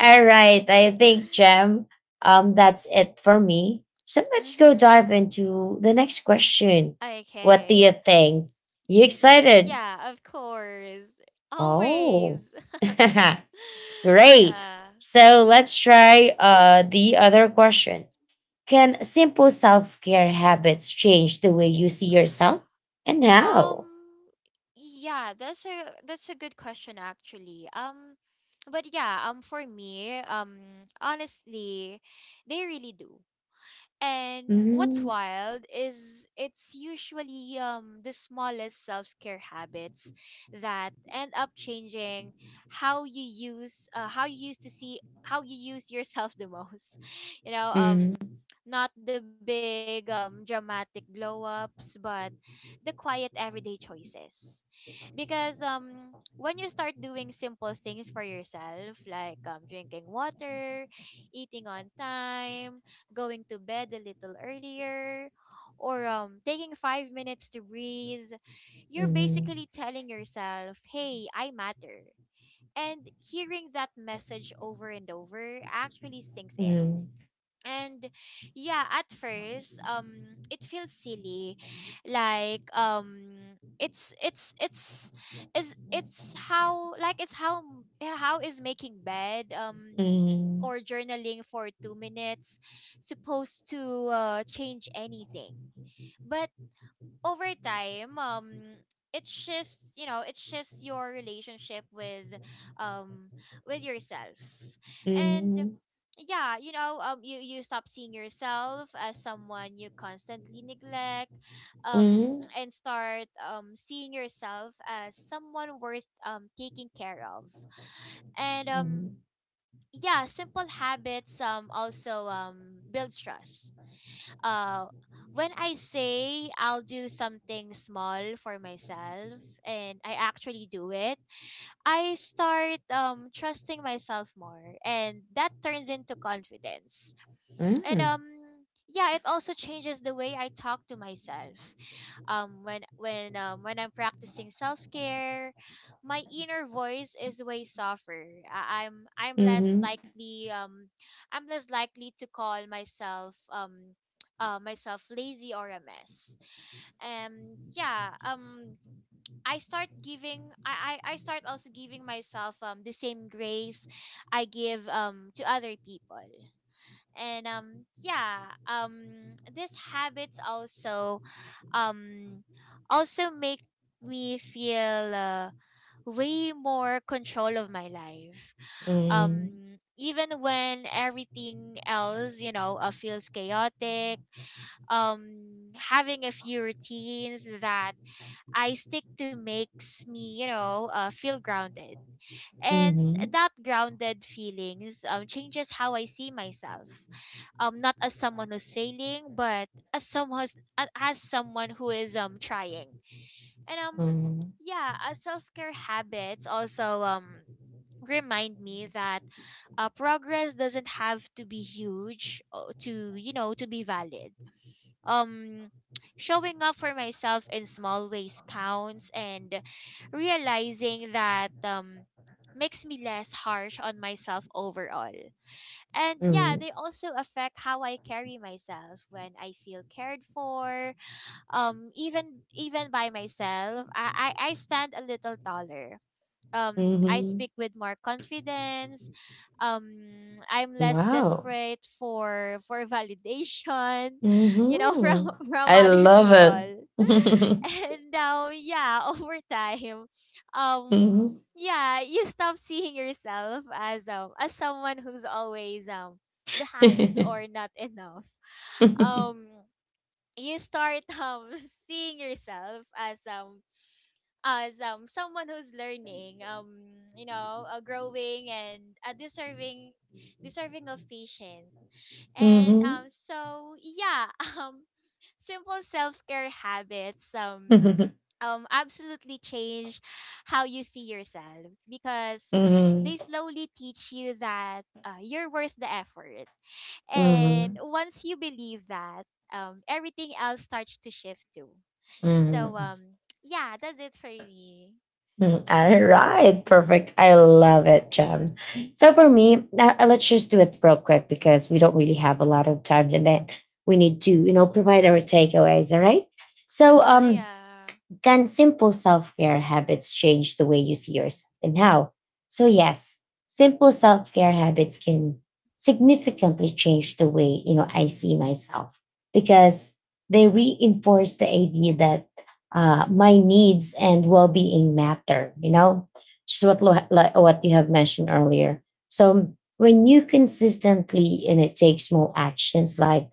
all right. I think, Jem, that's it for me. So let's go Mhm. dive into the next question. What do you Okay. think? You Mhm, excited? yeah, of course. Always. Oh, great. Yeah. So let's try the other question. Can simple self care habits change the way you see yourself and Um how? yeah, that's a good question actually. But yeah, for me, honestly, they really do. And what's Mhm, wild is it's usually the smallest self-care habits that end up changing how you use how you used to see how you use yourself the most. You know, mhm, not the big dramatic glow ups, but the quiet everyday choices. Because when you start doing simple things for yourself, like drinking water, eating on time, going to bed a little earlier, or taking 5 minutes to breathe, you're mhm, basically telling yourself, hey, I matter. And hearing that message over and over actually sinks in. mhm, And yeah, at first, it feels silly, like, it's is it's how like it's yeah, how is making bed mhm, or journaling for 2 minutes supposed to change anything? But over time, it shifts, you know, it shifts your relationship um with yourself. And mhm, yeah, you know, you you stop seeing yourself as someone you constantly neglect, um mhm, and start seeing yourself as someone worth taking care of. And yeah, simple habits also build trust. uh when I say I'll do something small for myself and I actually do it, I start trusting myself more, and that turns into confidence. and mhm, um yeah, it also changes the way I talk to myself. When I'm practicing self-care, my inner voice is way softer. I'm mhm, less mhm, likely I'm less likely to call myself myself lazy or a mess. And yeah, I start also giving myself the same grace I give to other people. And yeah, these habits also um also make me feel way more control of my life, mhm, even when everything else, you know, feels chaotic. Having a few routines that I stick to makes me, you know, feel grounded. And that grounded feelings, changes how I see myself, not as someone who's failing, but as someone who's, as someone who is trying. And mhm, yeah, self-care habits also remind me that, progress doesn't have to be huge to, you know, to be valid. um Showing up for myself in small ways counts, and realizing that makes me less harsh on myself overall. And mhm, yeah, mhm, they also affect how I carry myself when I feel cared for. Even even by myself, I stand a little taller, I mhm. speak with more confidence. I'm less Wow. desperate for validation, you know, from Mhm. from I other love it. people. And now yeah, over time, um Mhm. yeah, you stop seeing yourself as someone who's always behind or not enough. Um you start seeing yourself as someone who's learning, you know, growing, and uh, deserving deserving of patience. and Mhm. um so yeah, um simple self-care habits, absolutely change how you see yourself, because they Mhm. slowly teach you that you're worth the effort. And Mhm. once you believe that, everything else starts to shift too. So Mhm. Yeah, that's it for me. Mm, all Mm-hmm. right, perfect. I love it, Jem. So for me, now, let's just do it real quick because we don't really have a lot of time, and then we need to, you know, provide our takeaways. All right. So Uh-huh, yeah. can simple self care habits change the way you see yourself and how? So, yes, simple self care habits can significantly change the way you know I see myself because they reinforce the idea that my needs and well being matter. You know, just like what you have mentioned earlier. So when you consistently and it takes small actions like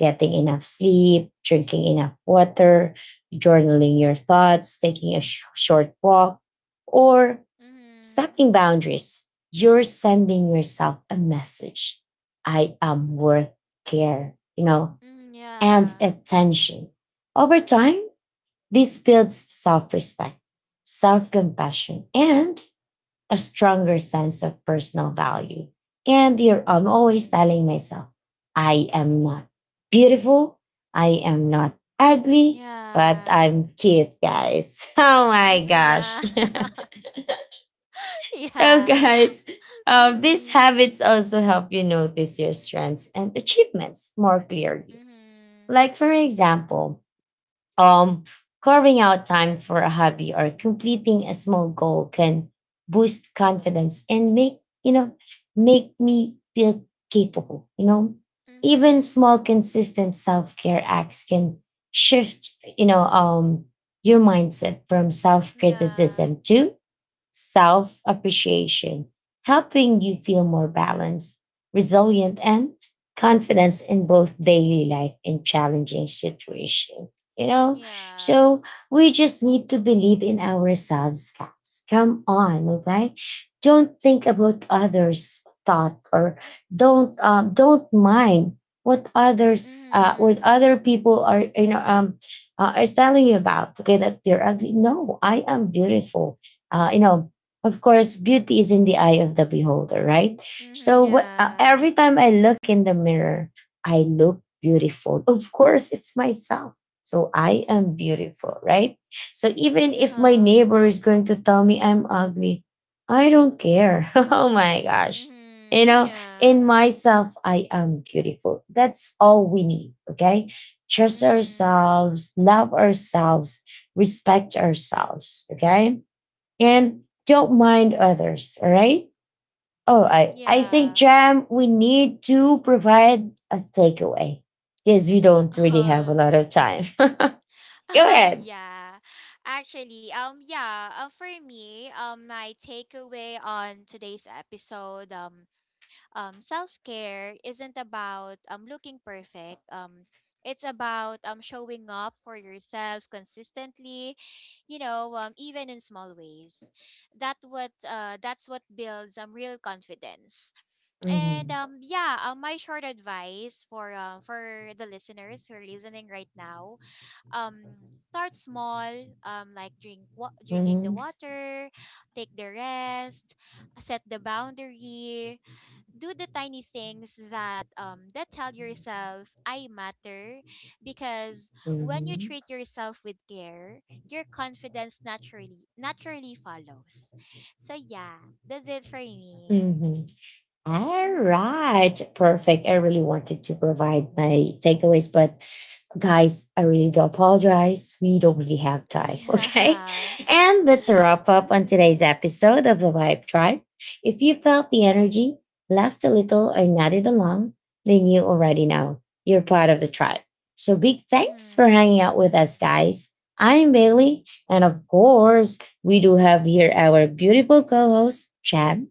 getting enough sleep, drinking enough water, journaling your thoughts, taking a short walk, or Mm-hmm. setting boundaries. You're sending yourself a message I am worth care, you know, Mm, and yeah. attention. Over time, this builds self respect, self compassion, and a stronger sense of personal value. And you are I'm always telling myself, I am not beautiful. I am not ugly, but Yeah. I'm cute, guys. Oh my Mm-hmm, gosh. yeah. So, Yeah. guys, these Mm-hmm. habits also help you notice your strengths and achievements more clearly. Mm-hmm. Like, for example, um, carving out time for a hobby or completing a small goal can boost confidence and make, you know, make me feel capable, you know. Even Mm-hmm. small consistent self-care acts can shift, you know, your mindset from Yeah. self-criticism to self appreciation, helping you feel more balanced, resilient, and confidence in both daily life and challenging situations. You know, Yeah. so we just need to believe in ourselves, guys. Come on, okay? Don't think about others' thought or don't mind what others Mm-hmm. what other people are you know is telling you about. Okay, that you're ugly. No, I am beautiful you know, of course beauty is in the eye of the beholder, right? Mm-hmm. So what, Yeah. every time I look in the mirror I look beautiful, of course it's myself, so I am beautiful, right? So even if my Uh-huh. neighbor is going to tell me I'm ugly, I don't care. Oh my gosh, you Mm-hmm. know, Yeah. in myself I am beautiful, that's all we need, okay? Trust Mm-hmm. ourselves, love ourselves, respect ourselves, okay? And don't mind others. All right. All right. I Yeah. think, Jam, we need to provide a takeaway because we don't really Uh-huh. have a lot of time. Go Oh ahead. yeah. Actually, yeah, for me, my takeaway on today's episode, self-care isn't about looking perfect. It's about showing up for yourself consistently, you know, even in small ways. That's what builds real confidence. And Mhm, um yeah, my short advice for the listeners who are listening right now, start small, like drinking the mhm, water, take the rest, set the boundary, do the tiny things that that tell yourself I matter. Because when you mhm, treat yourself with care, your confidence naturally follows. So yeah, that's it for me. mhm. All Mm-hmm. right, perfect. I really wanted to provide my takeaways, but guys, I really do apologize. We don't really have time. Okay. Yeah. And that's a wrap up on Mm-hmm. today's episode of the Vibe Tribe. If you felt the energy, laughed a little, or nodded along, then you already know you're part of the tribe. So big thanks for hanging Mm-hmm. out with us, guys. I'm Bailey. And of course, we do have here our beautiful co host, Chad.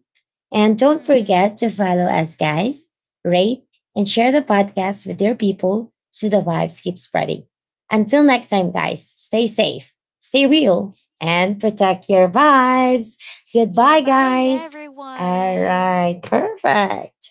And don't Mm-hmm. forget to follow us, guys, rate, and share the podcast with your people so the vibes keep spreading. Until next time, guys, stay safe, stay real, and protect your vibes. Yeah, Goodbye, bye guys. All everyone. right, perfect.